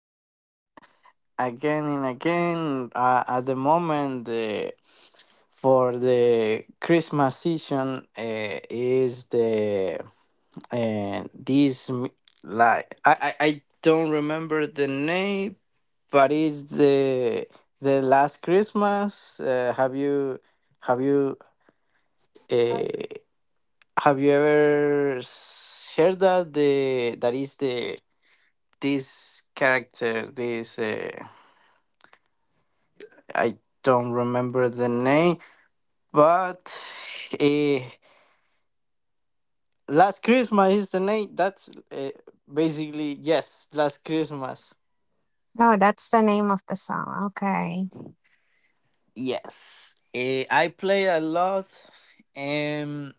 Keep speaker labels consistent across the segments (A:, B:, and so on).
A: again?
B: Again and again. At the moment, for the Christmas season, is the uh, this m- like I, I I don't remember the name, but it's the last Christmas. Have you uh, have you ever heard that the that is the this character this I don't remember the name, but eh, last Christmas is the name. That's basically yes. Last Christmas,
A: Oh, that's the name of the song. Okay.
B: yes. I play a lot, and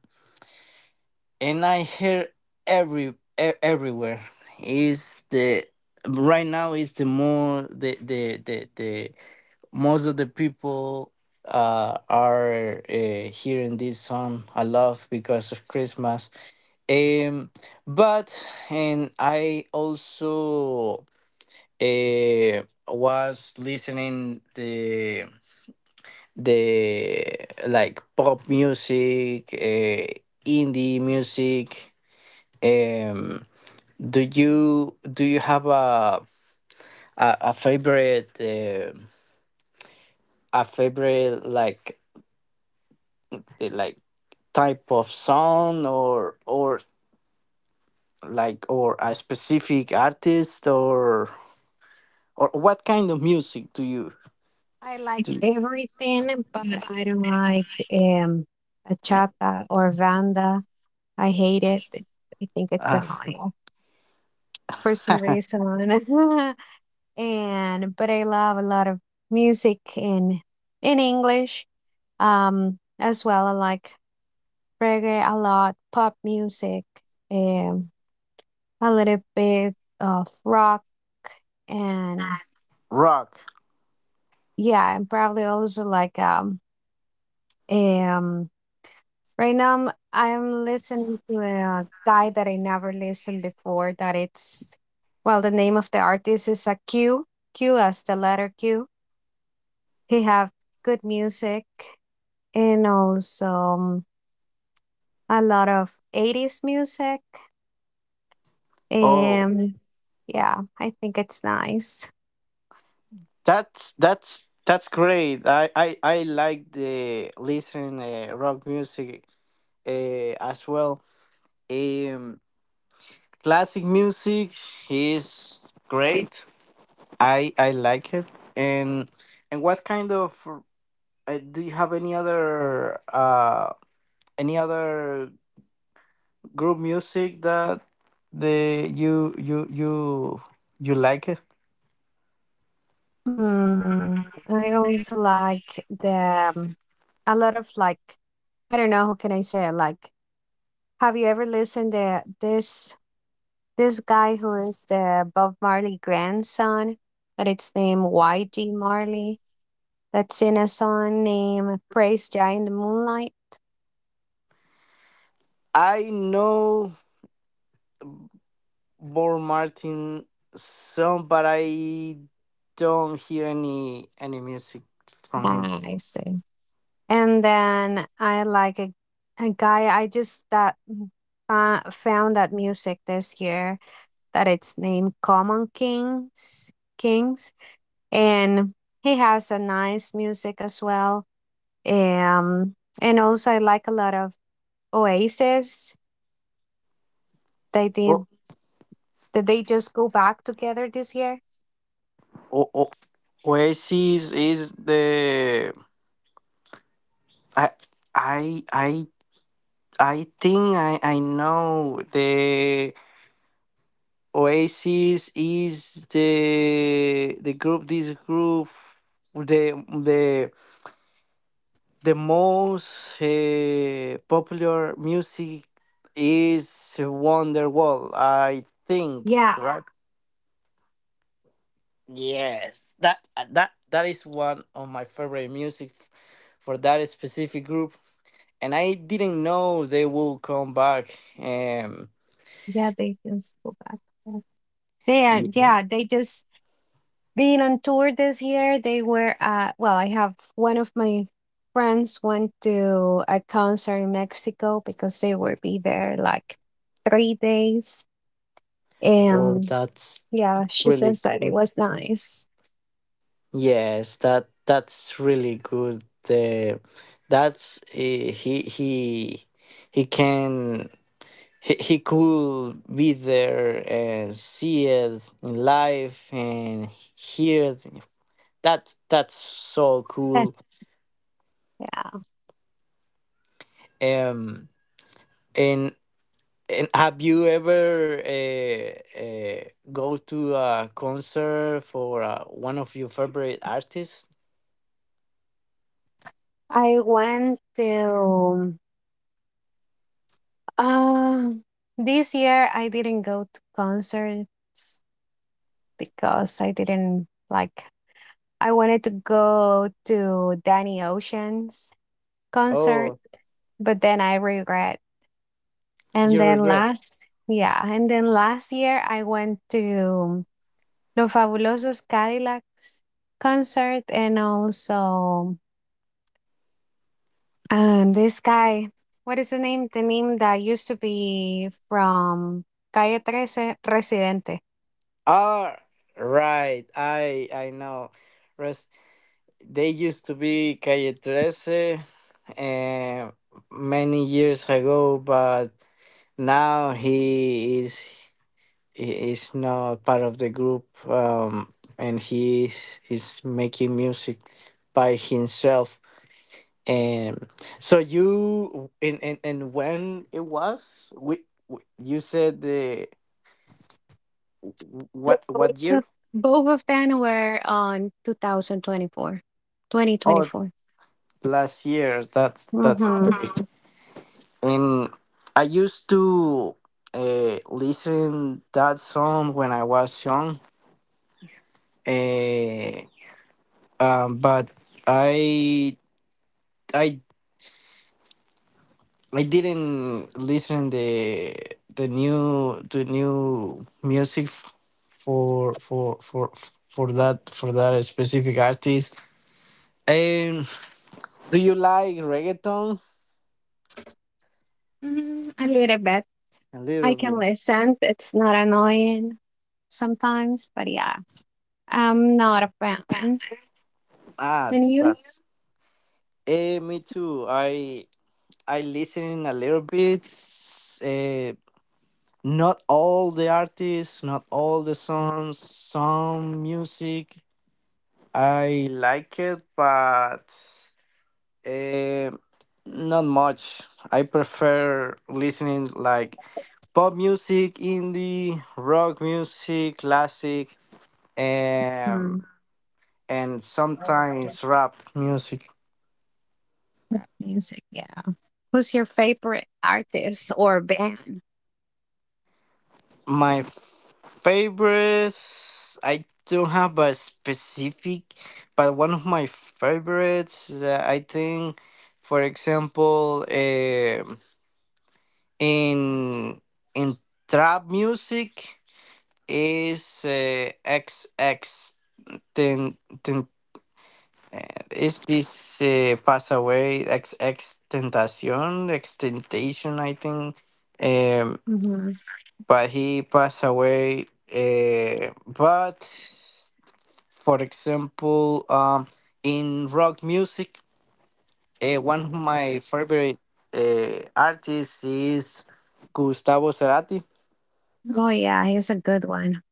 B: and I hear every everywhere. Is the right now is the more the most of the people are hearing this song a lot because of Christmas Um, but and I also uh, was listening the like pop music, indie music. Um, do you have a favorite a favorite like the, like type of song or a specific artist or what kind of music do you
A: I like
B: do?
A: everything, but I don't like um bachata or banda. I hate it. I think it's
B: Uh,
A: annoying for some reason. And but I love a lot of music in English. As well, I like reggae a lot, pop music, um, a little bit of rock, and
B: Rock.
A: yeah, and probably also like um right now I'm listening to a guy that I never listened before. That it's well, the name of the artist is a Q Q as the letter Q. He have good music and also a lot of 80s music.
B: Oh,
A: And yeah, I think it's nice.
B: that's great. I like the listen rock music uh, as well. Um, classic music is great. I like it. And and what kind of do you have any other group music that the you you you you like it?
A: I also like the a lot of like I don't know how can I say it, like have you ever listened to this guy who is the Bob Marley grandson that it's named YG Marley, that's in a song named Praise Giant in the Moonlight?
B: I know Bob Martin song, but I don't hear any music from him.
A: Ah, I see. And then I like a guy. I just that found that music this year that it's named Common Kings, and he has a nice music as well. Um, and also I like a lot of Oasis. They
B: Oh,
A: did. Did they just go back together this year?
B: oh, oh. Oasis is the I I I I think I know the Oasis is the the group this group the the the most popular music is Wonderwall, I think,
A: Yeah,
B: right? Yes, that is one of my favorite music for that specific group, and I didn't know they will come back.
A: yeah, they just go back together. They are,
B: Ye-
A: yeah, they just being on tour this year. They were well, I have, one of my friends went to a concert in Mexico because they will be there like 3 days.
B: oh,
A: And
B: that's
A: yeah, she
B: really
A: says that it
B: good.
A: was nice.
B: Yes, that's really good. That's he can. He could be there and see it in live and hear it. That's so cool.
A: Yeah.
B: Um, and and have you ever go to a concert for one of your favorite artists?
A: I went to um this year I didn't go to concerts because I didn't, like, I wanted to go to Danny Ocean's concert,
B: Oh,
A: but then I regret. And
B: you
A: then
B: regret.
A: last, yeah, and then last year I went to Los Fabulosos Cadillacs concert and also, this guy, what is the name? The name that used to be from Calle 13, Residente.
B: Ah, right. I know. They used to be Calle 13 uh, many years ago, but now he is not part of the group, and he is, he's making music by himself. And so you and when it was we you said the
A: Los
B: what year?
A: Fabulosos- Both of them were on 2024, 2024.
B: Oh,
A: 2024.
B: last year. That's.
A: Mm-hmm.
B: Great. And I used to listen that song when I was young, uh, um, but I I I didn't listen the new music for for for for that for that specific artist. Um, do you like reggaeton?
A: Mm, a little bit.
B: A
A: I
B: little
A: can
B: bit.
A: listen. It's not annoying sometimes, but yeah, I'm not a fan.
B: Ah,
A: And you?
B: that's. Me too. I listening a little bit. Uh, not all the artists, not all the songs, some music. I like it, but uh, not much. I prefer listening like pop music, indie, rock music, classic,
A: Hmm.
B: um, and sometimes rap music.
A: Music, yeah. Who's your favorite artist or band?
B: My favorites, I don't have a specific, but one of my favorites, I think, for example, in in trap music is XX ten, ten is this pass away X X Tentacion, Extentation, I think. Um.
A: Hmm.
B: But he passed away. But for example, in rock music, one of my favorite artists is Gustavo Cerati.
A: Oh yeah, he's a good one.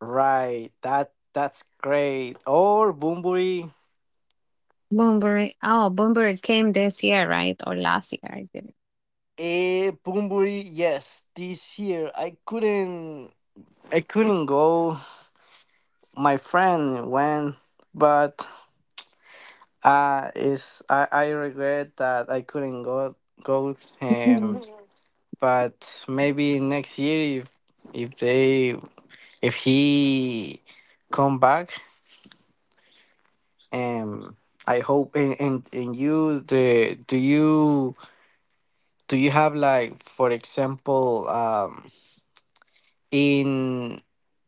B: Right, that's great. Or Bunbury.
A: Boombury. Oh, Boombury came this year, right? Or last year, I didn't.
B: Bunbury, yes. This year I couldn't go. My friend went, but I regret that I couldn't go
A: Mhm.
B: but maybe next year if they if he come back um I hope and you the do you have like for example in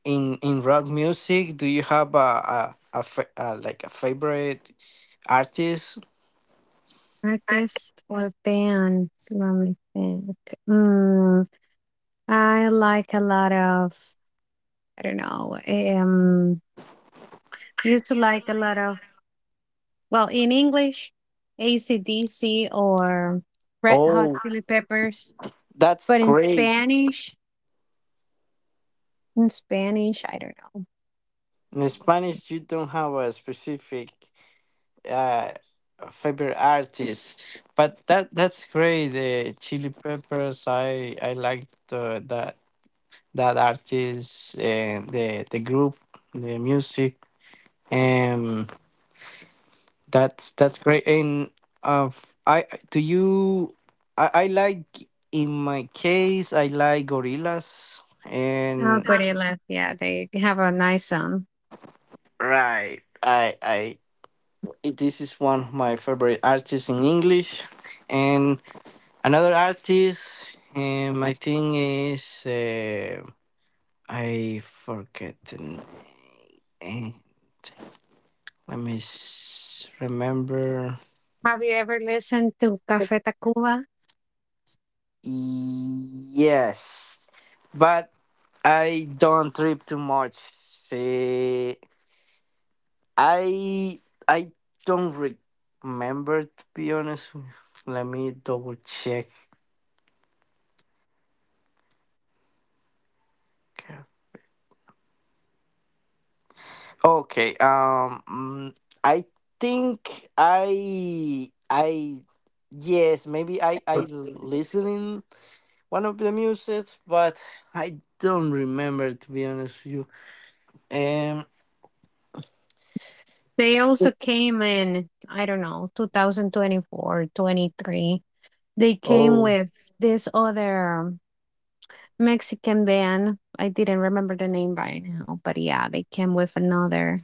B: in rock music do you have a, fa- like a favorite artist?
A: Artist or band? Let me think. Mm, I like a lot of, I don't know, used to like a lot of, well, in English, AC/DC or Red Hot
B: Oh,
A: Chili Peppers.
B: that's
A: But in
B: great.
A: Spanish, I don't know.
B: In
A: Let
B: Spanish, you don't have a specific uh, favorite artist, but that's great. The Chili Peppers, I liked that artist and the group, the music, and that's great. And uh, I do you? I like in my case, I like Gorillas
A: Oh,
B: and
A: Gorillaz. Yeah, they have a nice song.
B: right. I this is one of my favorite artists in English. And another artist, I think is I forget the name. Eh, Let me remember.
A: Have you ever listened to Café Tacuba?
B: Yes, but I don't trip too much. See, I I don't remember to be honest. Let me double check. Okay. I think I yes, maybe I listening one of the music, but I don't remember to be honest with you. Um,
A: They also came in, I don't know, 2024, 23. They came
B: oh,
A: with this other Mexican band. I didn't remember the name by now, but yeah, they came with another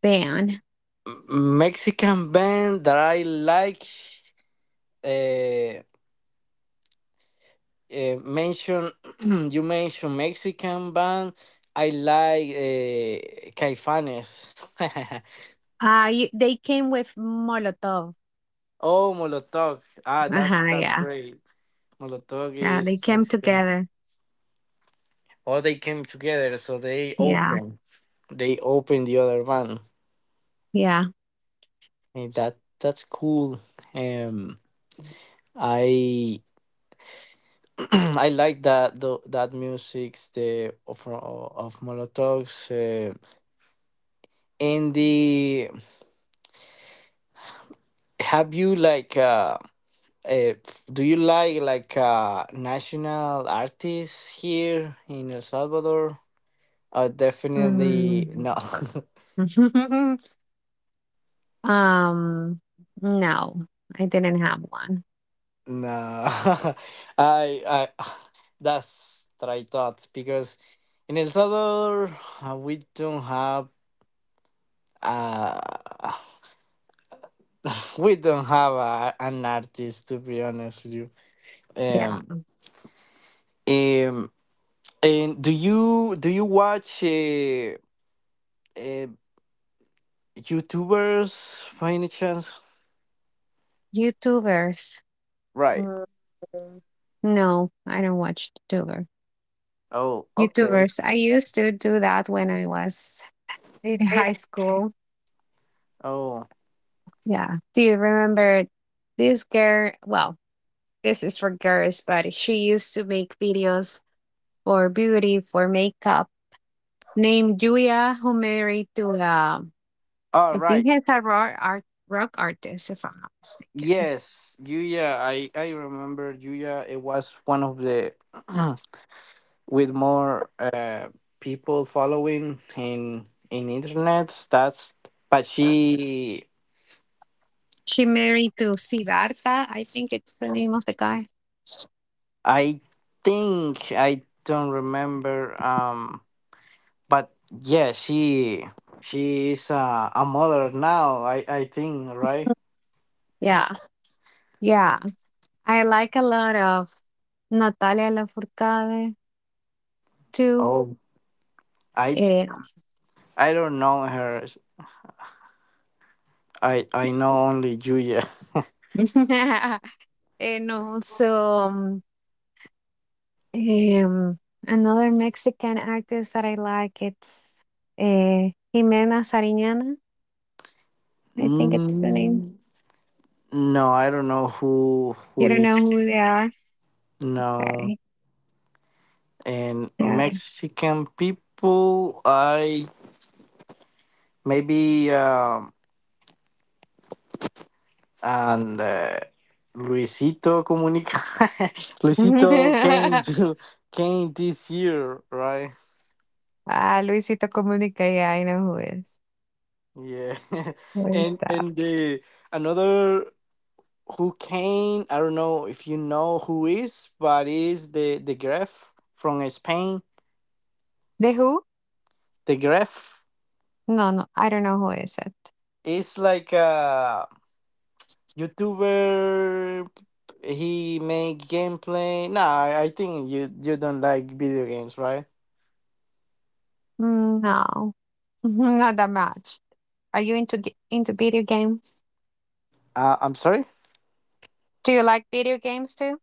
A: band.
B: Mexican band that I like. Uh, mention you mentioned Mexican band. I like Caifanes.
A: They came with Molotov.
B: Oh, Molotov. Ah, that
A: Uh-huh,
B: that's
A: yeah.
B: great. Molotov
A: Yeah, they
B: is-
A: came
B: Mexican.
A: together.
B: Or they came together, so they
A: Yeah.
B: open. They open the other one.
A: Yeah.
B: And that's cool. Um, I I like that the, that music's the of Molotov's. In the have you like uh do you like national artists here in El Salvador? Definitely
A: Mm.
B: no.
A: um, no, I didn't have one.
B: No, I, that's what I thought because in El Salvador we don't have uh we don't have a, an artist to be honest with you.
A: Yeah.
B: Um, um, and do you watch uh YouTubers by any chance?
A: YouTubers.
B: Right.
A: Mm, no, I don't watch YouTuber.
B: Oh, okay.
A: YouTubers. I used to do that when I was in high school.
B: Oh,
A: Yeah. Do you remember this girl? Well, this is for girls, but she used to make videos for beauty, for makeup, named Julia, who married to,
B: all
A: I think
B: right.
A: he's a rock, rock artist, if I'm not mistaken.
B: Yes, Yuya. I remember Yuya. It was one of the with more people following in internet. That's but she,
A: She married to Siddhartha, I think it's the name of the guy.
B: I think I don't remember. But yeah, she is a mother now. I think right.
A: Yeah. Yeah. I like a lot of Natalia Lafourcade too,
B: Oh, I
A: eh,
B: I don't know her. I know only Julia.
A: and also um, another Mexican artist that I like. It's Jimena Sariñana. I think it's the name.
B: Mm, no, I don't know who
A: You don't
B: is
A: know who they are?
B: no.
A: Okay.
B: And
A: Yeah.
B: Mexican people, I maybe and Luisito Comunica, Luisito came to came this year, right?
A: Luisito Comunica. Yeah, I know who is.
B: Yeah,
A: Who is that?
B: and the another who came, I don't know if you know who is, but is the Gref from Spain.
A: The Who?
B: The Gref
A: No, no, I don't know who is it.
B: is like a. YouTuber he make gameplay. Nah, I think you don't like video games, right?
A: Mm, no, not that much. Are you into into video games?
B: I'm sorry?
A: Do you like video games too?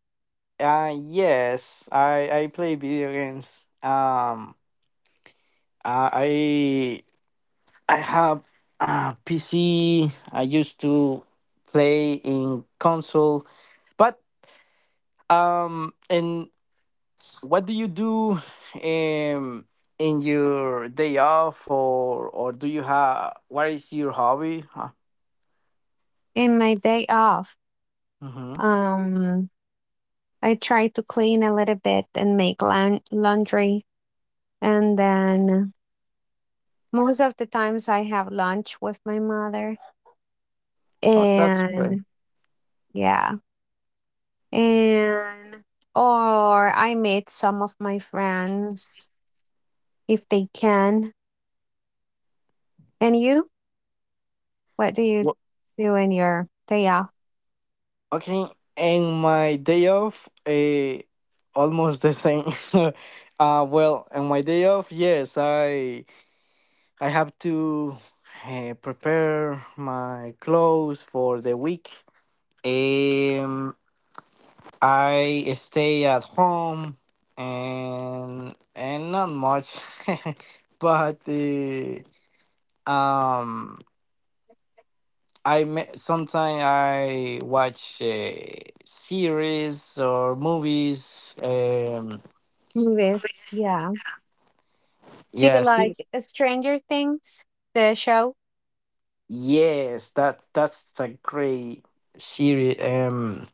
B: Yes, I play video games. I I I have a PC. I used to play in console. But and what do you do um in your day off or do you have what is your hobby?
A: In my day off,
B: Mm-hmm.
A: um, I try to clean a little bit and make laundry, and then most of the times I have lunch with my mother,
B: Oh, that's great.
A: and yeah, and or I meet some of my friends if they can. And you, what do you
B: Wo-
A: do in your day off?
B: Working in my day off, almost the same. Well, on my day off, yes, I have to prepare my clothes for the week. Um, I stay at home and not much, but um. Sometimes I watch series or movies.
A: Movies, yeah. Do you
B: Yeah, series.
A: like Stranger Things, the show?
B: Yes, that's a great series.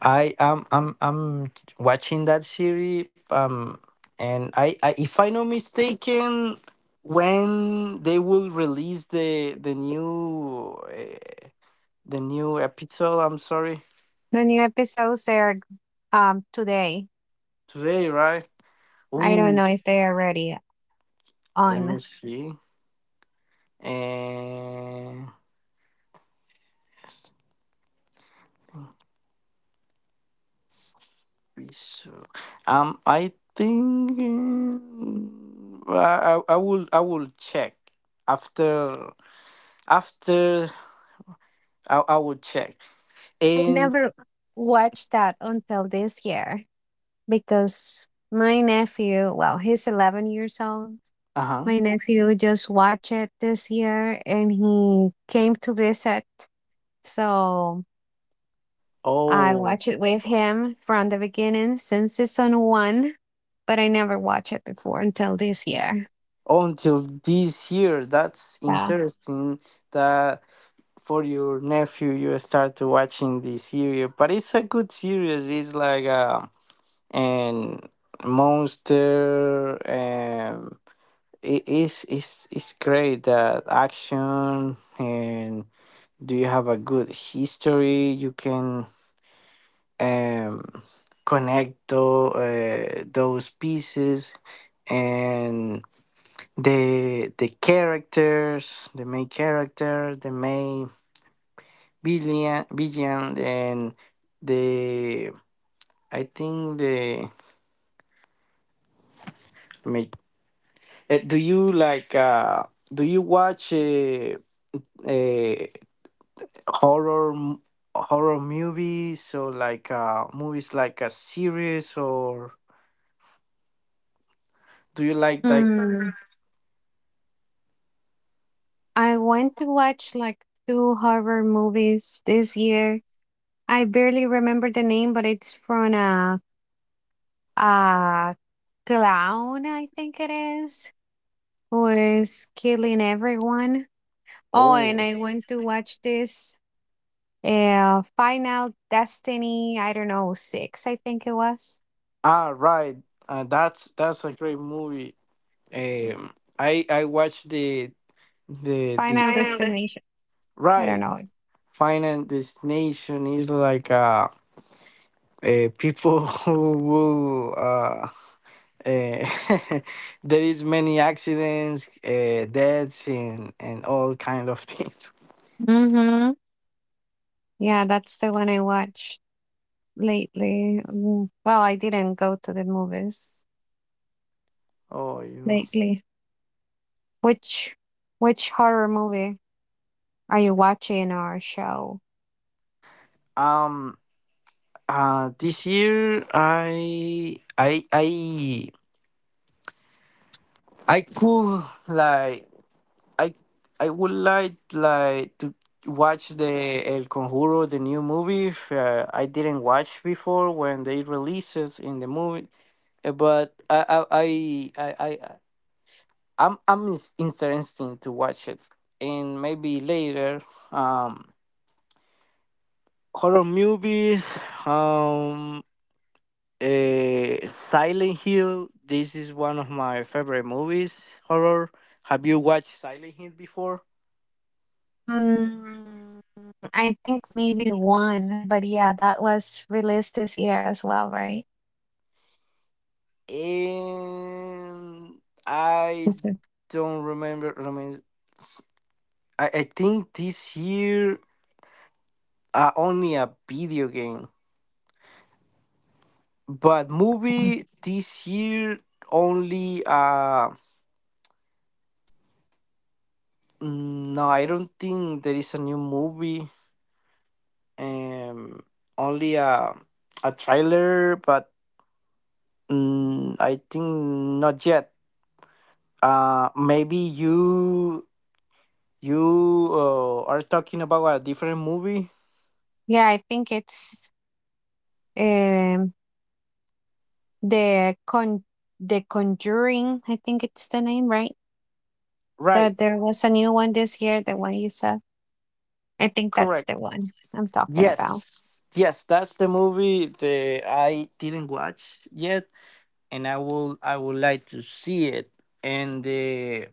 B: I am I'm watching that series. And I if I not mistaken, when they will release the new episode. I'm sorry
A: The new episodes, they are today.
B: today, right?
A: I don't
B: Ooh,
A: know if they are already
B: let me
A: on.
B: see. And we so I think I will I will check after after I will check
A: I
B: and
A: never watched that until this year because my nephew, well, he's 11 years old.
B: uh-huh
A: My nephew just watched it this year and he came to visit. So I
B: oh
A: watched it with him from the beginning since season one, but I never watched it before until this year.
B: oh, until this year that's
A: Yeah.
B: interesting that for your nephew you start to watching this series but it's a good series it's like an monster. It is it's great that action and do you have a good history you can um connect those pieces and the characters the main character the main villain villain and the I think ma- do you like do you watch uh, horror m- horror movies or like movies like a series or do you like
A: Mm, I went to watch like two horror movies this year. I barely remember the name, but it's from a clown, I think it is, who is killing everyone. Oh,
B: oh
A: and I went to watch this Final Destiny, I don't know, six, I think it was.
B: ah right that's a great movie I watched the
A: Final
B: Final De-
A: Destination, I don't
B: right
A: know.
B: final destination is like people who will uh there is many accidents deaths and all kind of things
A: Mm-hmm. Yeah, that's the one I watched lately. Well, I didn't go to the movies
B: oh yeah
A: lately. Which which horror movie are you watching or show?
B: Um. This year, I could like, I, I would like to watch the El Conjuro, the new movie. I didn't watch before when they released it in the movie, but I I'm interested to watch it, and maybe later. Um. Horror movies. Um. Uh, Silent Hill. This is one of my favorite movies. Horror. Have you watched Silent Hill before?
A: Mm, I think maybe one, but yeah, that was released this year as well, right?
B: And I
A: Is it
B: don't remember. S- I think this year only a video game, but
A: one?
B: movie this year only. No, I don't think there is a new movie. Um, only a trailer, but Mm, I think not yet. Maybe you are talking about a different movie,
A: Yeah, I think it's um the con the Conjuring. I think it's the name, right?
B: right?
A: That there was a new one this year. The one you said. I think that's
B: Correct.
A: the one I'm talking about.
B: Yes, yes, that's the movie that I didn't watch yet, and I would like to see it. And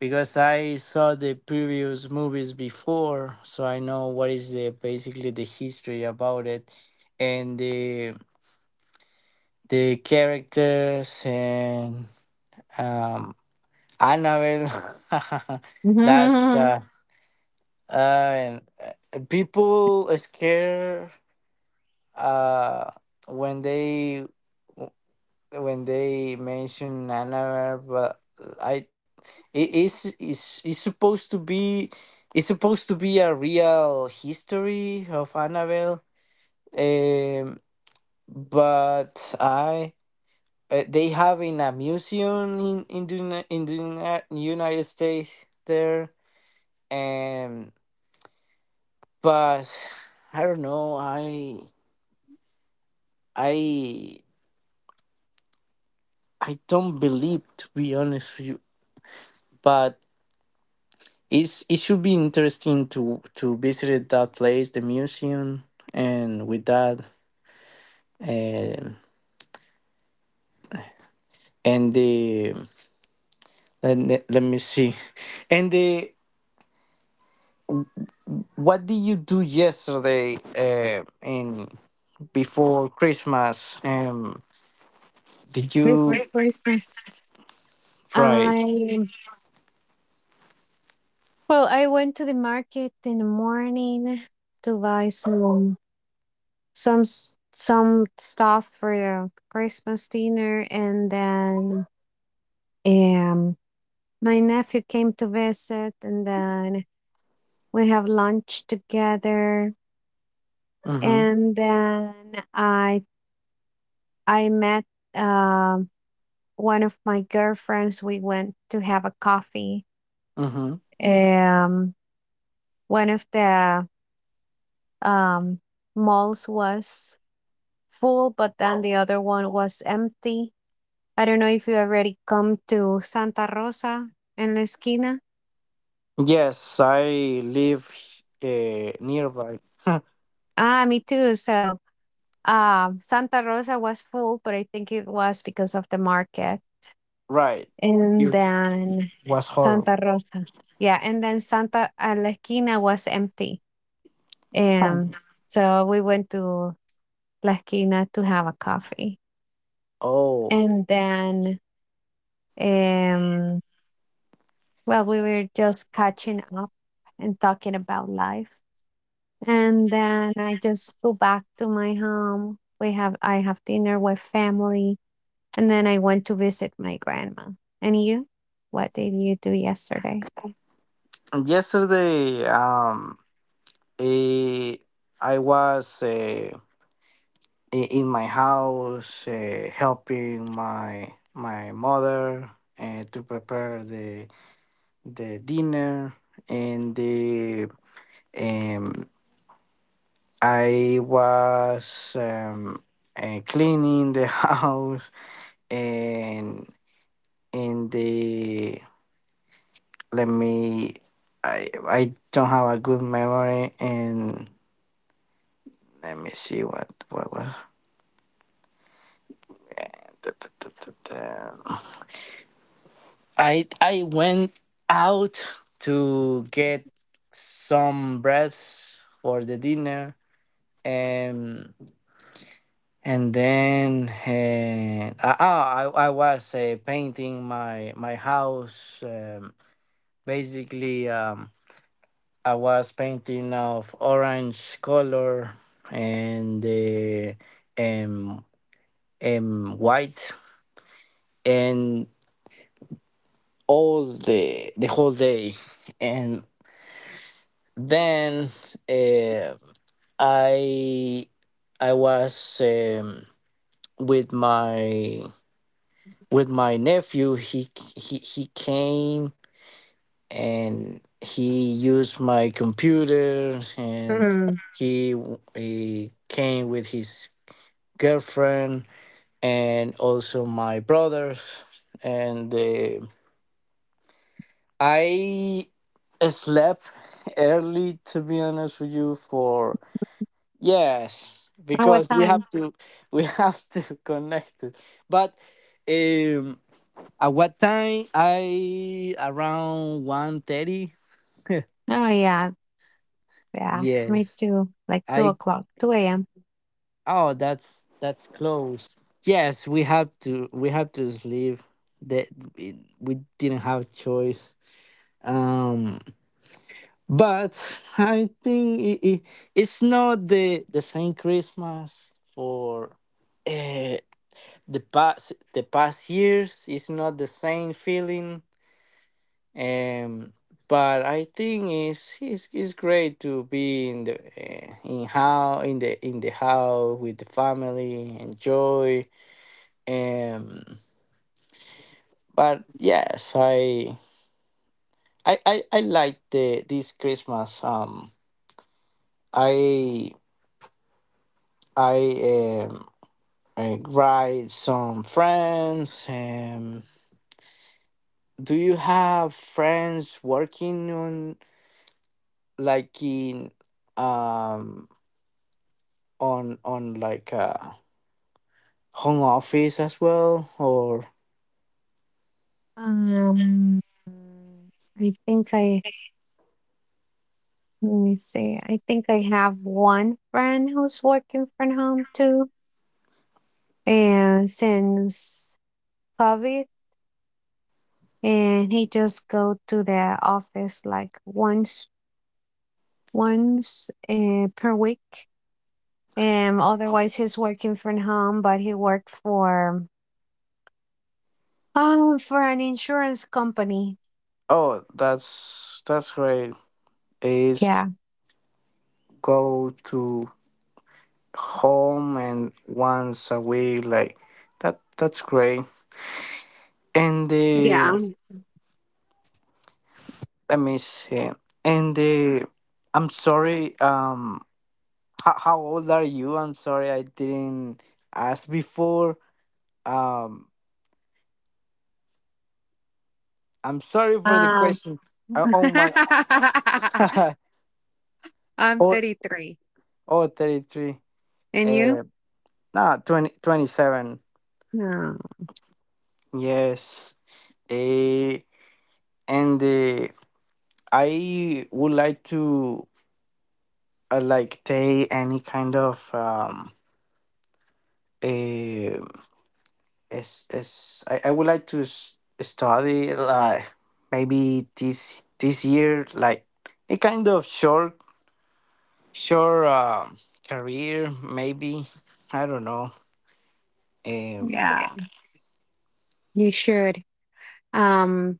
B: because I saw the previous movies before, so I know what is the basically the history about it, and the characters and um, Annabelle. That's uh, people are scared uh, when they mention Annabelle, but I it is supposed to be it's supposed to be a real history of Annabelle, um, but I they have in a museum in the, United States there, and but I don't know. I I don't believe, to be honest with you. But it should be interesting to visit that place, the museum, and with that, and and the let me see, and the what did you do yesterday? In before Christmas, did you,
A: Before Christmas,
B: right?
A: I well, I went to the market in the morning to buy some stuff for the Christmas dinner, and then um my nephew came to visit, and then we have lunch together,
B: Mm-hmm.
A: and then I I met um one of my girlfriends. We went to have a coffee.
B: Mm-hmm.
A: Um, One of the um malls was full, but then the other one was empty. I don't know if you already come to Santa Rosa in La Esquina.
B: Yes, I live nearby.
A: Me too. So, Santa Rosa was full, but I think it was because of the market.
B: Right.
A: And
B: It
A: then
B: was horrible.
A: Santa Rosa, yeah, and then santa La Esquina was empty, and so we went to La Esquina to have a coffee.
B: Oh,
A: And then um well, we were just catching up and talking about life. And then I just go back to my home. We have I have dinner with family, and then I went to visit my grandma. And you? What did you do yesterday?
B: yesterday, eh, I was in my house helping my mother to prepare the dinner, and the um, I was cleaning the house, and in the, let me, I don't have a good memory, and let me see what was. Da- da- da- da- da. I went out to get some breads for the dinner, and and then I, oh, I was painting my house, basically. I was painting of orange color and the um, white and all the whole day, and then uh, I I was with my nephew. He came and he used my computer, and
A: Mm.
B: he he came with his girlfriend, and also my brothers. And I slept early, to be honest with you, for, yes,
A: At what
B: because we
A: time?
B: have to we have to connect it. But um at what time? I Around 1:30.
A: Oh yeah, yeah. Me
B: Yes,
A: too. Like two
B: I.
A: o'clock, two AM.
B: Oh, that's close. Yes, we have to sleep. That we didn't have choice. Um, but I think it's not the same Christmas for uh, the past, the past years. It's not the same feeling. Um, but I think it's great to be in the in the house with the family, enjoy. Um, but yes, I like the this Christmas. I I um I write some friends. Do you have friends working on like in um on like a home office as well, or?
A: Um I think I, let me see. I think I have one friend who's working from home too, and since COVID, and he just go to the office like once once per week. And otherwise, he's working from home, but he worked for an insurance company.
B: Oh, that's great. Is
A: Yeah.
B: go to home and once a week, like that that's great. And the,
A: Yeah.
B: let me see, and the I'm sorry, how old are you? I'm sorry I didn't ask before, um I'm sorry for the
A: Um,
B: question. Oh my,
A: I'm
B: oh,
A: 33.
B: oh, 33.
A: And
B: Oh,
A: you?
B: uh nah, 20 27.
A: No.
B: Yes, eh, and the I would like to like take any kind of a is I would like to study like maybe this year like a kind of short career, maybe, I don't know. um
A: Yeah. You should. Um,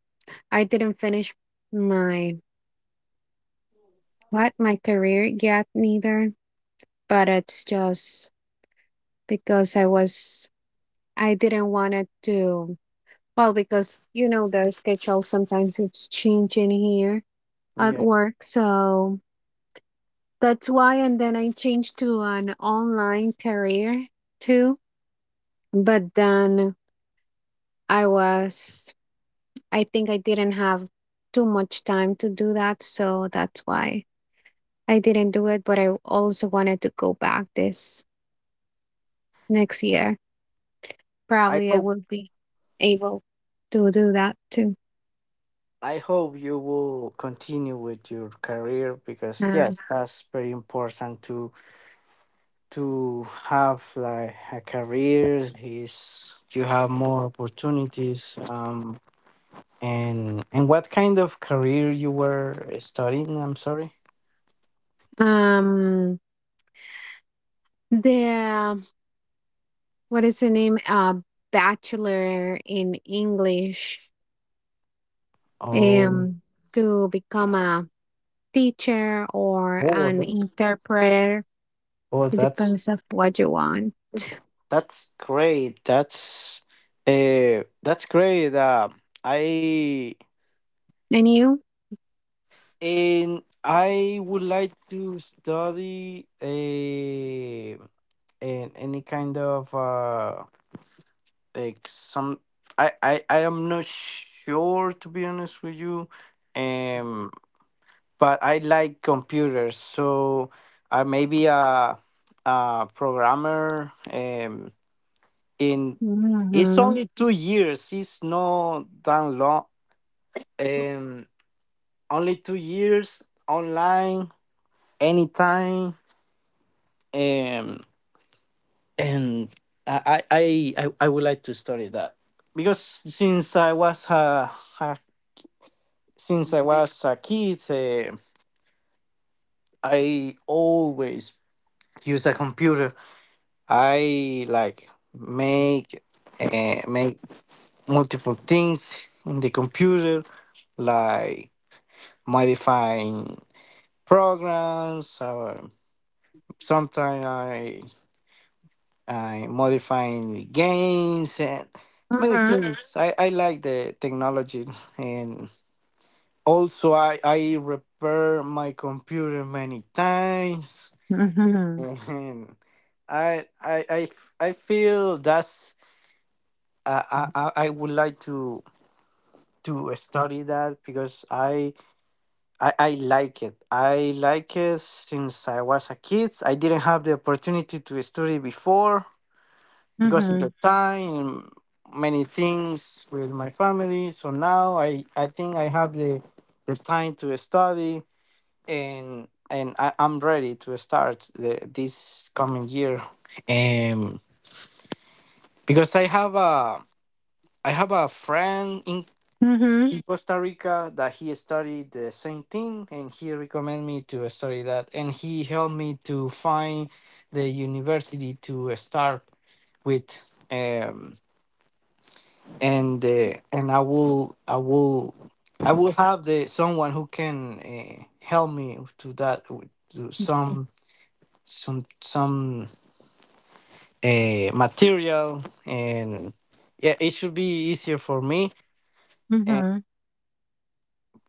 A: I didn't finish my what? My career yet neither. But it's just because I didn't want it to, well, because, you know, the schedule sometimes it's changing here at
B: yeah,
A: work, so that's why. And then I changed to an online career too, but then I was I think I didn't have too much time to do that, so that's why I didn't do it, but I also wanted to go back this next year.
B: I
A: Probably I
B: hope,
A: would be able to do that too.
B: I hope you will continue with your career, because
A: Uh,
B: yes, that's very important to have like a career. Is you have more opportunities. And what kind of career you were studying, I'm sorry?
A: um, the, what is the name? Bachelor in English.
B: Oh,
A: Um, to become a teacher or
B: oh,
A: an
B: that's,
A: interpreter.
B: oh,
A: It depends of what you want.
B: that's great. That's that's great. I,
A: And you?
B: and I would like to study a, an any kind of like some. I am not sure, to be honest with you, um but I like computers, so I may be a programmer. In, it's
A: Mm-hmm.
B: only 2 years, it's not that long, um only 2 years online anytime. um and I would like to study that, because since I was a a since I was a kid, I always use a computer. I like make make multiple things in the computer, like modifying programs. Or sometimes I modifying games and many Mhm.
A: Mm-hmm.
B: things. I like the technology, and also I repair my computer many times.
A: Mm-hmm.
B: Mhm. I feel that's I would like to study that, because I like it. I like it since I was a kid. I didn't have the opportunity to study before because of
A: Mm-hmm.
B: the time, many things with my family. So now I think I have the time to study, and I'm ready to start the, this coming year. Because I have a, I have a friend
A: Mm-hmm.
B: in Costa Rica that he studied the same thing, and he recommended me to study that, and he helped me to find the university to start with, um and I will have the someone who can help me to that to some some some material. And yeah, it should be easier for me.
A: Mm-hmm.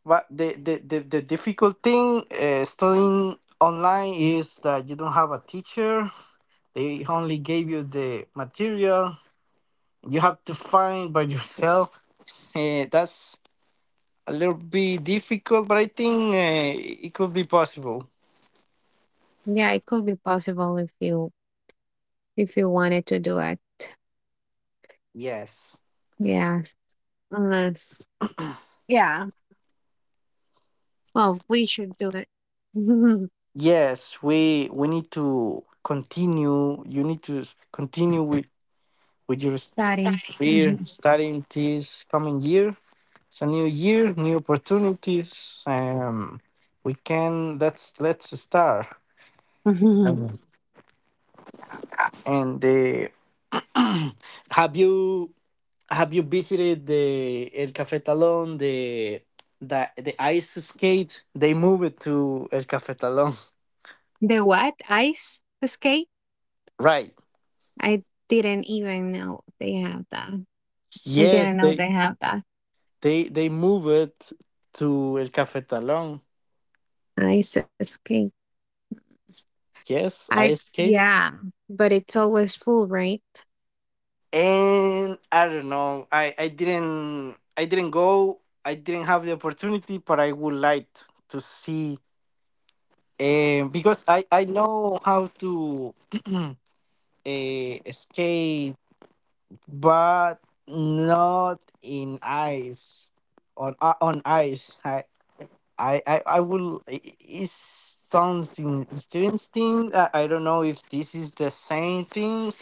B: But the the difficult thing studying online is that you don't have a teacher. They only gave you the material. You have to find by yourself. That's a little bit difficult, but I think it could be possible.
A: Yeah, it could be possible if you wanted to do it.
B: Yes.
A: Yeah. Yes. Yeah. Well, we should do it.
B: Yes, we need to continue. You need to continue with your
A: Starting.
B: career,
A: Mhm.
B: studying this coming year. It's a new year, new opportunities. We can, let's start.
A: Mhm.
B: Um, and the, have you have you visited the El Cafetalón, the ice skate? They moved it to El Cafetalón,
A: The what? Ice skate?
B: right?
A: I didn't even know they have that. I
B: Yes,
A: didn't know they have that.
B: they moved it to El Cafetalón.
A: Ice skate.
B: Yes,
A: I
B: ice skate.
A: Yeah, but it's always full, right?
B: And I don't know. I didn't go. I didn't have the opportunity, but I would like to see. Because I know how to skate, but not in ice, on ice. I will. It's something interesting. I don't know if this is the same thing,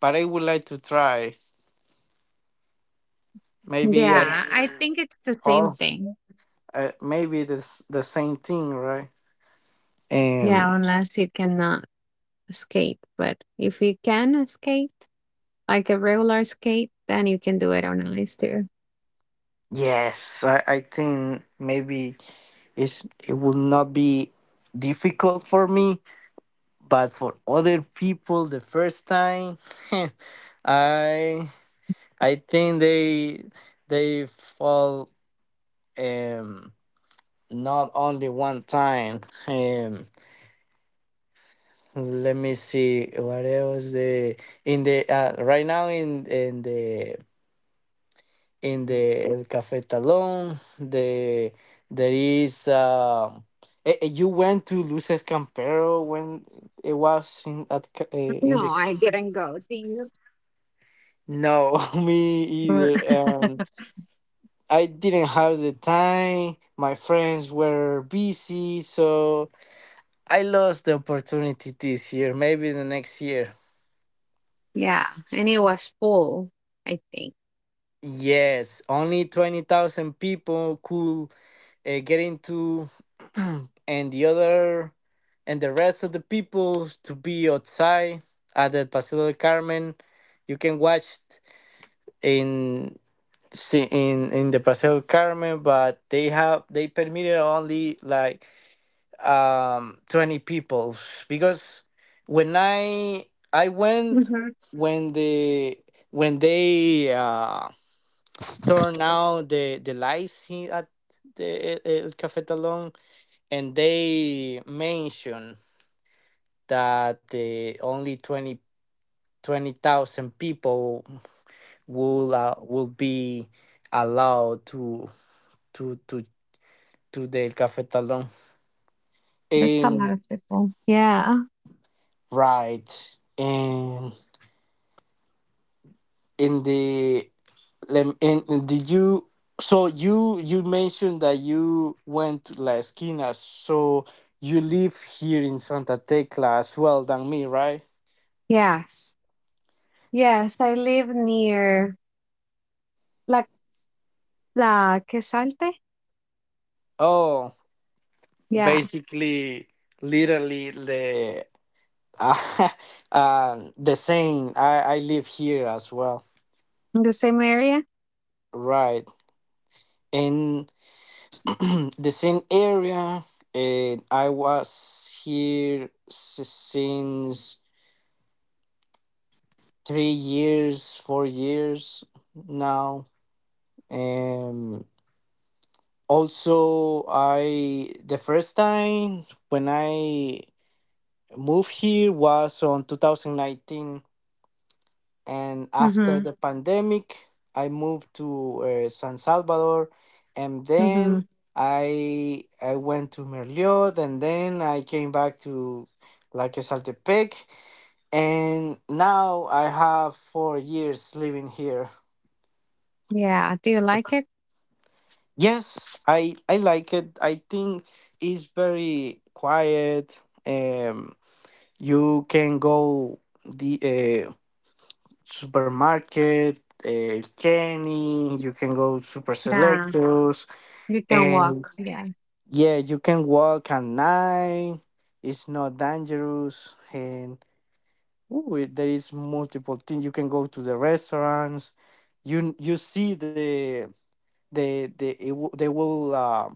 B: but I would like to try. Maybe I. Yeah.
A: Yeah, I think it's the same
B: Fall.
A: thing.
B: Maybe this the same thing, right? Um,
A: Yeah, unless you cannot skate, but if you can skate like a regular skate, then you can do it on ice too.
B: yes, I think maybe it's, it will not be difficult for me, but for other people, the first time, I I think they fall, um not only one time. Um, Let me see what else the in the right now in the El Café Talón. The there is you went to Luces Campero when it was in, at in
A: No,
B: the,
A: I didn't go. Do you?
B: no. Me
A: Mm.
B: either. I didn't have the time. My friends were busy, so I lost the opportunity this year. Maybe the next year.
A: Yeah, and it was full, I think.
B: Yes, only 20,000 people could get into and the other, and the rest of the people to be outside at the Paseo del Carmen. You can watch in si, in the Paseo del Carmen, but they have they permitted only like 20 people, because when I
A: Hmm.
B: went when the when they turned out the lights here at the El Café Talón, and they mention that only 20 20,000 people will be allowed to to to to the cafetalon.
A: That's a lot
B: Um,
A: of people. Yeah.
B: right. And in the and did you, so you mentioned that you went to La Esquina, so you live here in Santa Tecla as well than me, right?
A: Yes. Yes, I live near La La Quesalte.
B: Oh,
A: Yeah,
B: basically literally the the same. I live here as well,
A: in the same area.
B: right? In the same area, and I was here since 3 years, 4 years now. Um, Also, I the first time when I moved here was on 2019, and after
A: Hmm.
B: the pandemic I moved to San Salvador, and
A: Hmm.
B: then I went to Merliot, and then I came back to like Saltepec, and now I have 4 years living here.
A: Yeah. Do you like it?
B: Yes, I like it. I think it's very quiet. Um, you can go the supermarket, Kenny, you can go super
A: Yeah,
B: selectors,
A: you can walk.
B: and
A: Yeah,
B: yeah, you can walk at night. It's not dangerous, and ooh, there is multiple things. You can go to the restaurants. You see the it,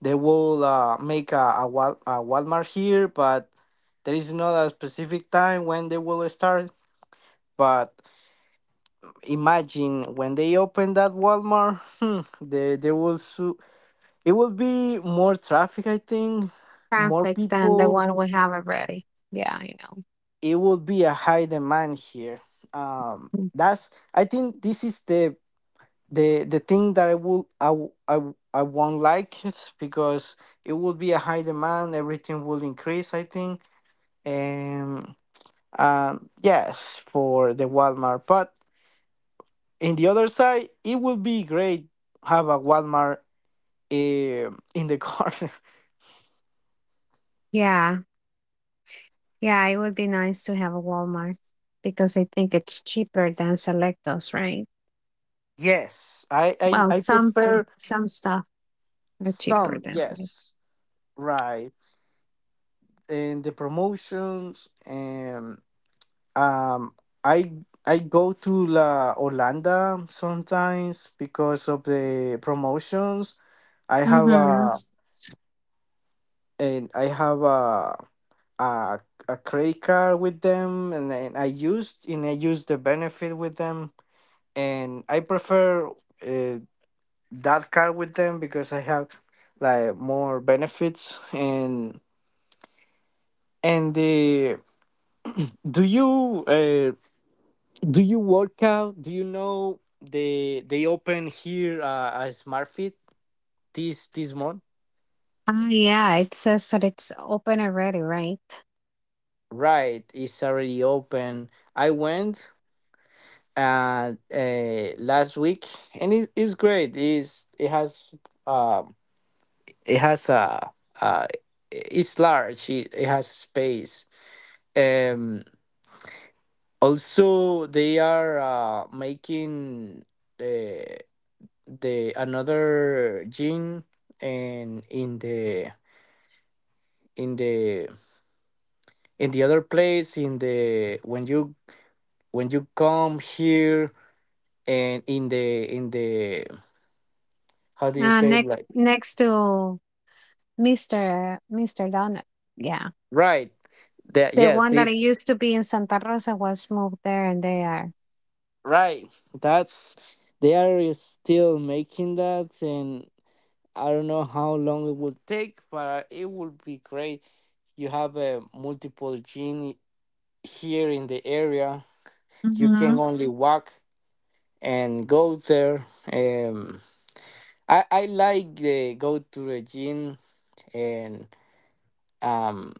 B: they will make a, Wal, a Walmart here, but there is not a specific time when they will start. But imagine when they open that Walmart, hmm, there will so it will be more traffic. I think more
A: perfect. Than the
B: people.
A: one we have already. Yeah, you know.
B: It will be a high demand here.
A: Mm.
B: That's I think this is the thing that I won't like it, because it will be a high demand. Everything will increase, I think. Um. Yes, for the Walmart, but in the other side, it will be great have a Walmart, in the corner.
A: Yeah, yeah, it would be nice to have a Walmart because I think it's cheaper than Selectos, right?
B: Yes,
A: Well,
B: I
A: some
B: prefer
A: some stuff are cheaper
B: some.
A: than some.
B: Yes, right. And the promotions and um, I I go to La Holanda sometimes because of the promotions. I have
A: Mhm.
B: a and I have a a a credit card with them, and then I use the benefit with them, and I prefer. uh, that card with them because I have, like, more benefits and the do you uh, do you work out? Do you know they open here a Smart Fit this month?
A: Ah, yeah, it says that it's open already, right?
B: Right, it's already open. I went last week, and it is great. Is um it has a uh it's large. It has space. Um Also they are making the the another gene, and in the in the other place in the when you come here. And in the how do you say,
A: Next
B: like,
A: next to Mr. Donut. Yeah.
B: right that?
A: The one
B: Yes,
A: that I
B: it's
A: used to be in Santa Rosa was moved there, and they are.
B: right, that's, they are still making that, and I don't know how long it will take, but it will be great. You have a multiple gene here in the area. You
A: Mhm.
B: can only walk and go there. Um i i like the go to the gym, and um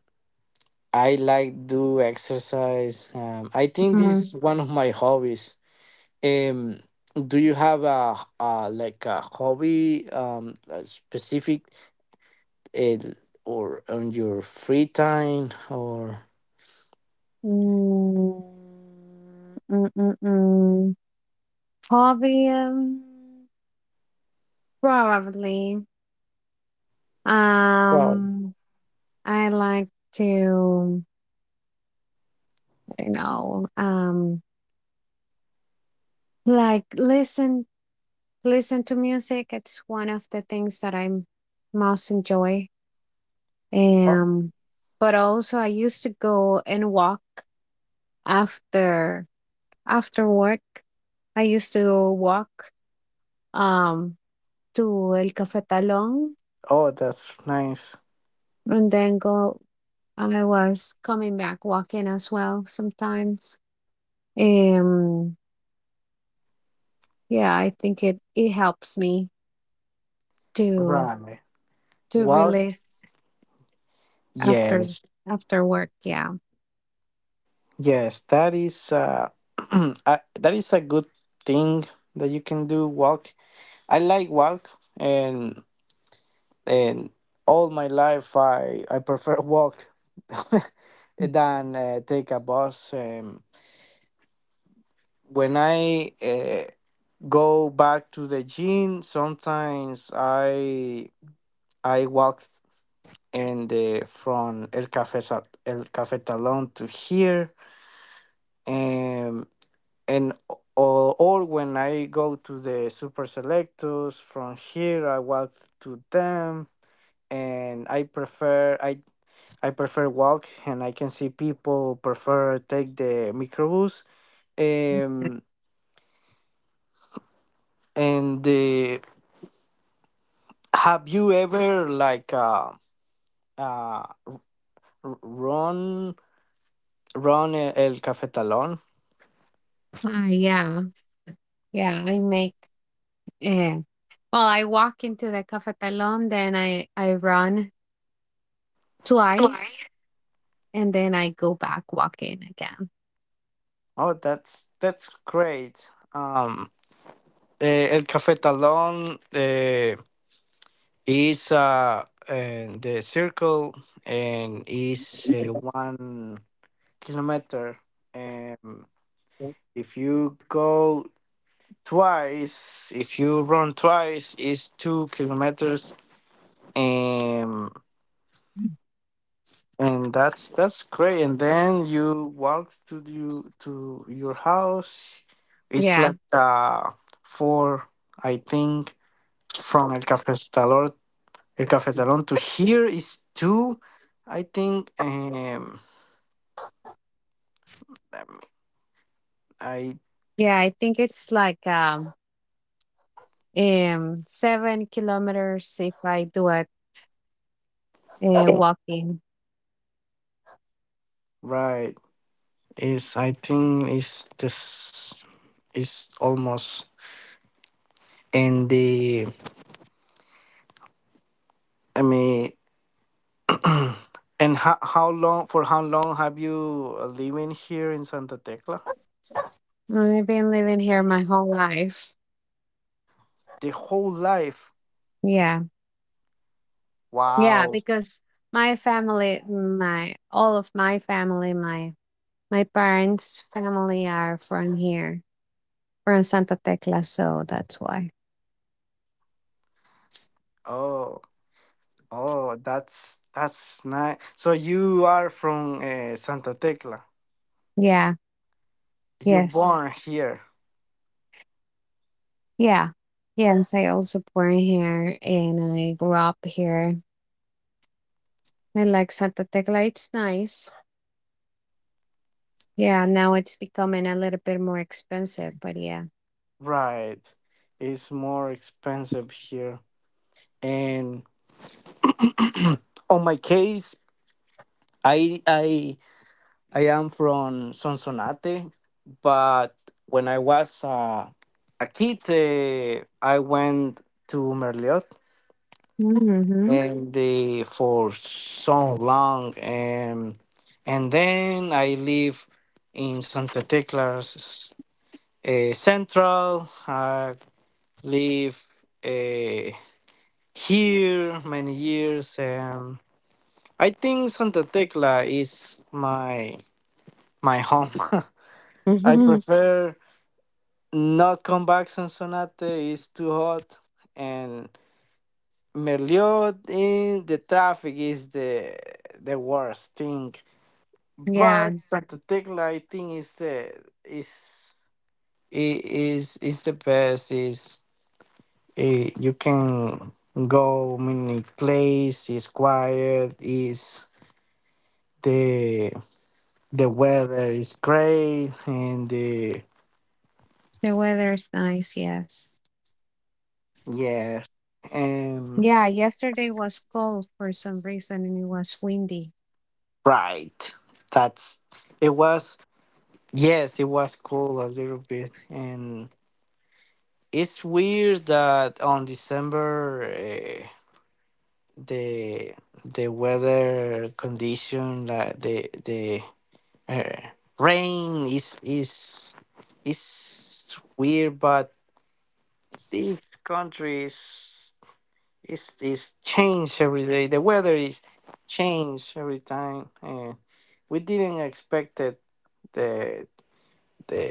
B: I like do exercise. I think this
A: Mm.
B: is one of my hobbies. um do you have a like a hobby, a specific uh, or on your free time, or
A: Mm, mm, mm, mm. Hobby, probably.
B: well?
A: Um, I like to, you know um like, listen to music. It's one of the things that I most enjoy.
B: Oh,
A: um but also, I used to go and walk after after work. I used to walk um to El Cafetalon,
B: oh that's nice.
A: and then go, I was coming back walking as well sometimes. um yeah, I think it helps me to
B: Right.
A: to
B: Well,
A: release. After
B: yes,
A: after work, yeah.
B: yes, that is that is a good thing that you can do. Walk. I like walk, and and all my life I prefer walk than take a bus. When I go back to the gym, sometimes I walk and from El Cafetalón to here, and or when I go to the super selectors from here, I walk to them, and I prefer walk, and I can see people prefer take the microbus. Um, and the Have you ever, like, uh r- run run el cafetalón?
A: Ah, yeah. Yeah, I make eh, well, I walk into the Cafetalon, then I run twice, and then I go back walking again.
B: Oh, that's great. Um, El cafetalón. It's and the circle, and is 1 kilometer, and if you go twice, if you run twice, is 2 kilometers, and and that's great. And then you walk to your house. It's
A: Yeah.
B: like four, I think, from El Cafetalón to here is two. I think. Um, I
A: Yeah, I think it's like 7 kilometers if I do it walking.
B: right I think is this is almost. And the I mean, and how long for how long have you living here in Santa Tecla?
A: I've been living here my whole life.
B: The whole life.
A: Yeah. Yeah,
B: Wow.
A: because my family, my all of my family, my parents' family are from here, from Santa Tecla, so that's why.
B: Oh oh, that's nice. So you are from Santa Tecla.
A: Yeah.
B: You
A: Yes.
B: born here.
A: Yeah. Yes, I also born here, and I grew up here. I like Santa Tecla. It's nice. Yeah, now it's becoming a little bit more expensive, but yeah.
B: Right. It's more expensive here. And on my case, I I I am from Sonsonate, but when I was a kid, I went to Merliot
A: Hmm.
B: and for so long, and then I live in Santa Tecla's Central. I live. uh, here many years, and I think Santa Tecla is my home. I prefer not come back Sonsonate. It's too hot. And Merliot, in the traffic is the worst thing. But
A: Yeah,
B: Santa Tecla, I think is is the best. You can go many places. It's quiet. Is the weather is great. And the
A: the weather is nice, yes.
B: Yeah. And
A: Yeah, yesterday was cold for some reason and it was windy.
B: right, that's. It was, yes, it was cool a little bit. And it's weird that on December the weather condition, like the uh, rain is weird. But this country is. It's changed every day. The weather is changed every time, and we didn't expect it the the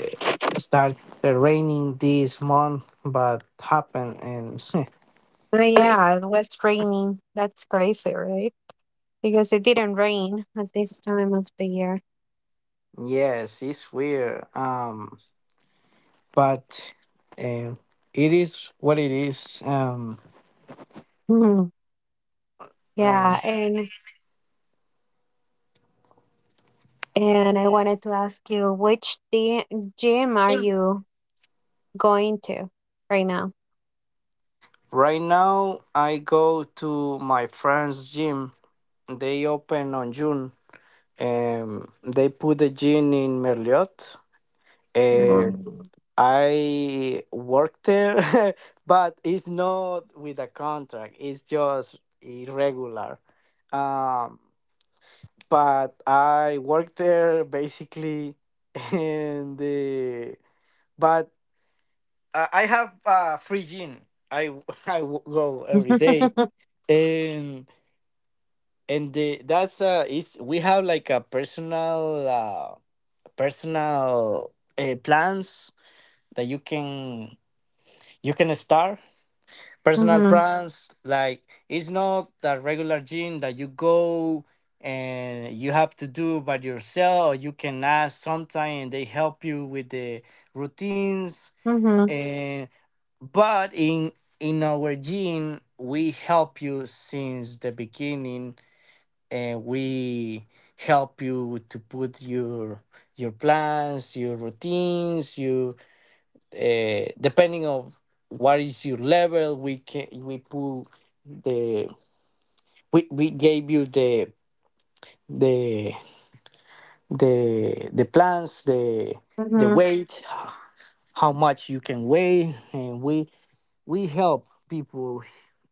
B: start the raining this month, but happened, and
A: But yeah, it was raining. That's crazy, right? Because it didn't rain at this time of the year.
B: yes, it's weird. But um, it is what it is.
A: Mhm.
B: Let
A: Yeah,
B: me-
A: and I wanted to ask you which gym are you going to right now?
B: right now I go to my friend's gym. They open on June. They put the gym in Merliot.
A: Um,
B: Uh, I work there, but it's not with a contract. It's just irregular. Um, but I work there basically, and the but I have a free gym. I go every day, and and the that's is we have like a personal personal plans that you can start personal
A: hmm.
B: plans. Like, it's not that regular gym that you go and you have to do by yourself, or you can ask sometime and they help you with the routines.
A: Hmm.
B: And but in our gym, we help you since the beginning, and we help you to put your plans, your routines, your depending of what is your level. We can, the we gave you the the plans, the
A: Hmm.
B: weight, how much you can weigh, and we help people,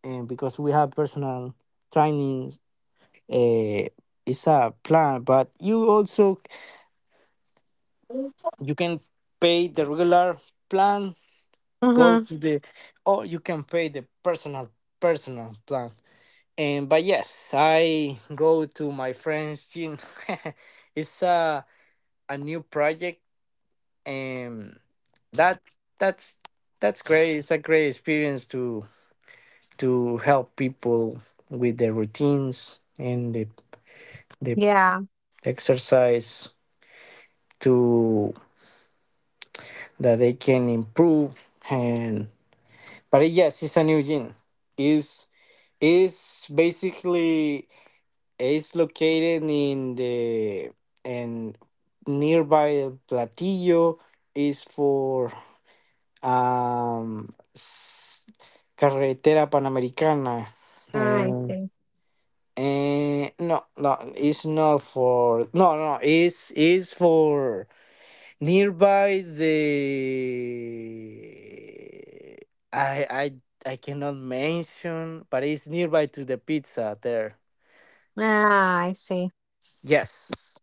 B: and because we have personal training. uh, it's a plan, but you also you can pay the regular plan, go
A: Hmm.
B: to the, or you can pay the personal plan. And but yes, I go to my friend's gym. It's a new project, and that that's that's great. It's a great experience to help people with their routines and the the
A: Yeah,
B: exercise to that they can improve. And but yes, it's a new gym. Is is basically. It's located in the, and nearby Platillo is for um s- Carretera Panamericana,
A: I
B: and
A: see.
B: and no, no, it's not for. No, no, it's for nearby the. I I I cannot mention, but it's nearby to the pizza there.
A: Ah, I see.
B: Yes.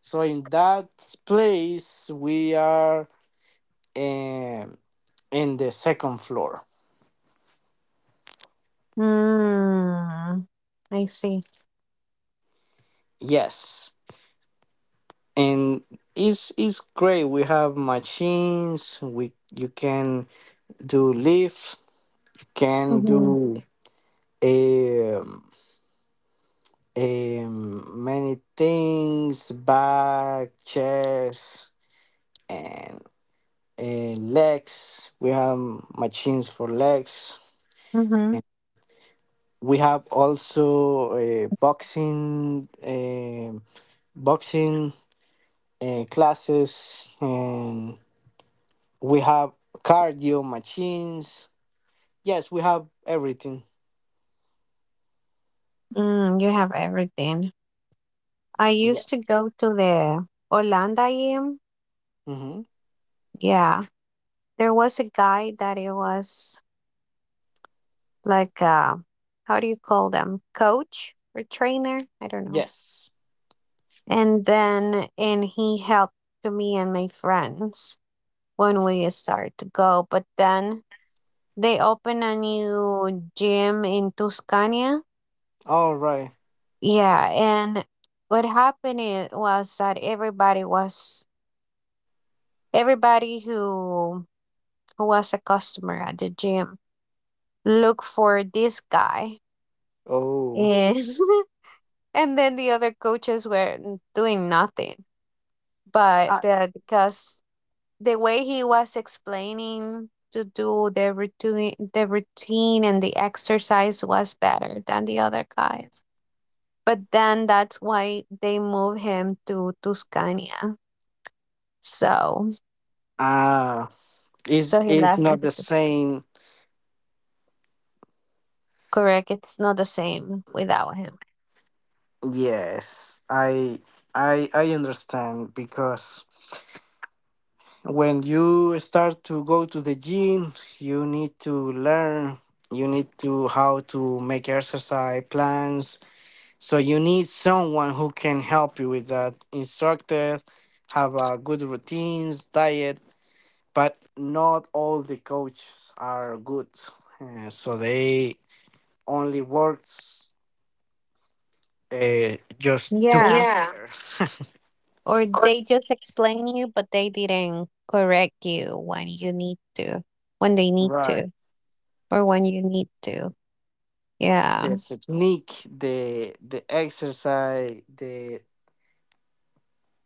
B: So in that place, we are um, in the second floor.
A: Mm, I see.
B: Yes, and it's great. We have machines. We You can do lift. You can
A: Mhm,
B: do um, many things: back, chest, and legs. We have machines for legs.
A: mhm.
B: We have also boxing, boxing classes, and we have cardio machines. Yes, we have everything.
A: Mm, you have everything. I used
B: Yes.
A: to go to the Holanda gym.
B: Mm-hmm.
A: Yeah, there was a guy that it was like how do you call them? Coach or trainer? I don't know.
B: Yes,
A: And then and he helped to me and my friends when we started to go. But then they opened a new gym in Tuscania.
B: all right.
A: Yeah, and what happened it was that everybody who was a customer at the gym looked for this guy,
B: Oh.
A: and and then the other coaches were doing nothing. But because the way he was explaining to do the routine and the exercise was better than the other guys. But then that's why they moved him to Tuscania. So
B: Ah, it's
A: So he
B: it's
A: left and
B: not the
A: took the stick.
B: same.
A: Correct. It's not the same without him.
B: Yes, I understand, because when you start to go to the gym, you need to learn, you need to how to make exercise plans. So you need someone who can help you with that instructor, have a good routines, diet. But not all the coaches are good. So they only works just to
A: Yeah.
B: prepare.
A: Or they just explain you, but they didn't correct you when you need to, when they need
B: Right,
A: to, or when you need to.
B: the
A: Yeah.
B: technique, the exercise, the.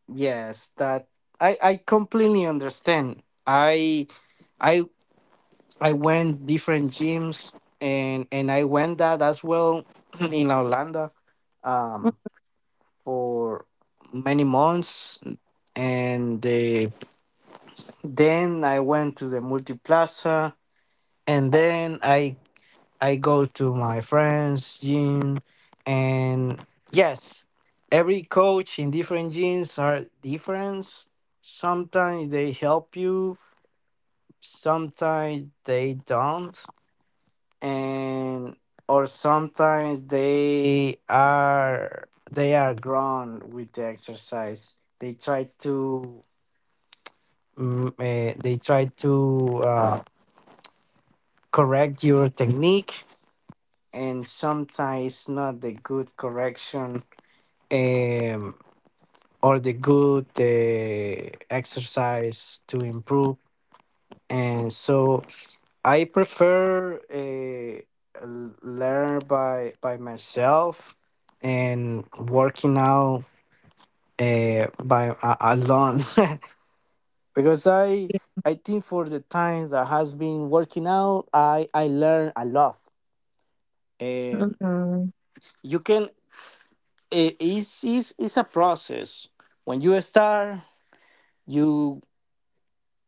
B: Yes, that I completely understand. I I went different gyms, and I went that as well in Orlando um for many months, and then I went to the multi plaza, and then I go to my friends' gym, and yes, every coach in different gyms are different. Sometimes they help you, sometimes they don't, and or sometimes they are grown with the exercise. They try to they try to correct your technique, and sometimes not the good correction um, or the good exercise to improve. And so I prefer learn by myself and working out by alone, because I think for the time that has been working out, I learn a lot. Um,
A: Mhm.
B: you can it is It's a process. When you start, you.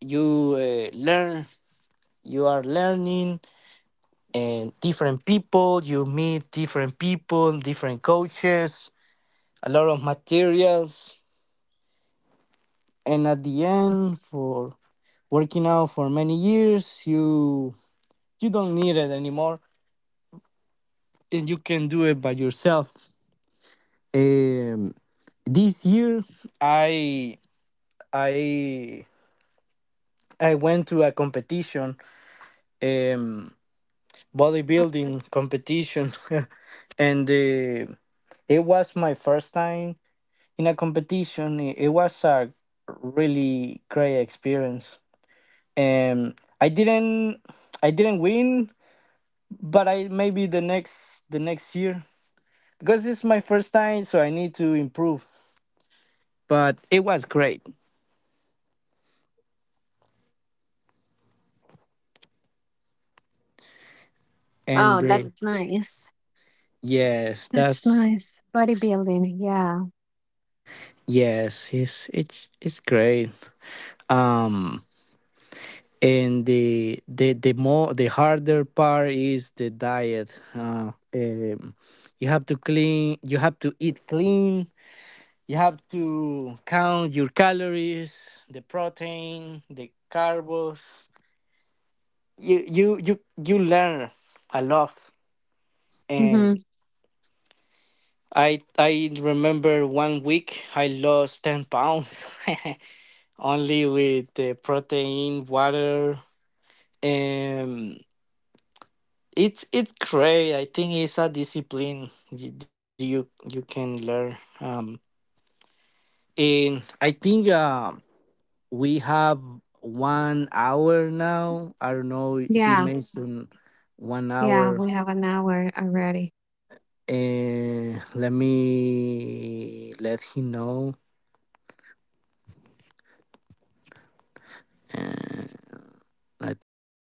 B: you learn. You are learning, and different people, you meet different people, different coaches, a lot of materials. And at the end, for working out for many years, you don't need it anymore, and you can do it by yourself. um, this year i i I went to a competition, um bodybuilding competition, and it was my first time in a competition. It was a really great experience, and i didn't I didn't win, but I maybe the next year, because it's my first time, so I need to improve. But it was great.
A: Oh,
B: And mm,
A: that's nice.
B: yes,
A: That's
B: that's,
A: nice. Bodybuilding. Yeah.
B: yes, it's great. Um and the more, the harder part is the diet. You have to clean, you have to eat clean, you have to count your calories, the protein, the carbs. You learn a lot,
A: Hmm.
B: and I remember one week I lost 10 pounds only with the protein water and. It's great. I think it's a discipline you can learn. And I think we have one hour now. I don't know. He
A: Yeah.
B: mentioned one
A: Yeah.
B: hour.
A: We have an hour already.
B: And let me let him know. Uh, let's see.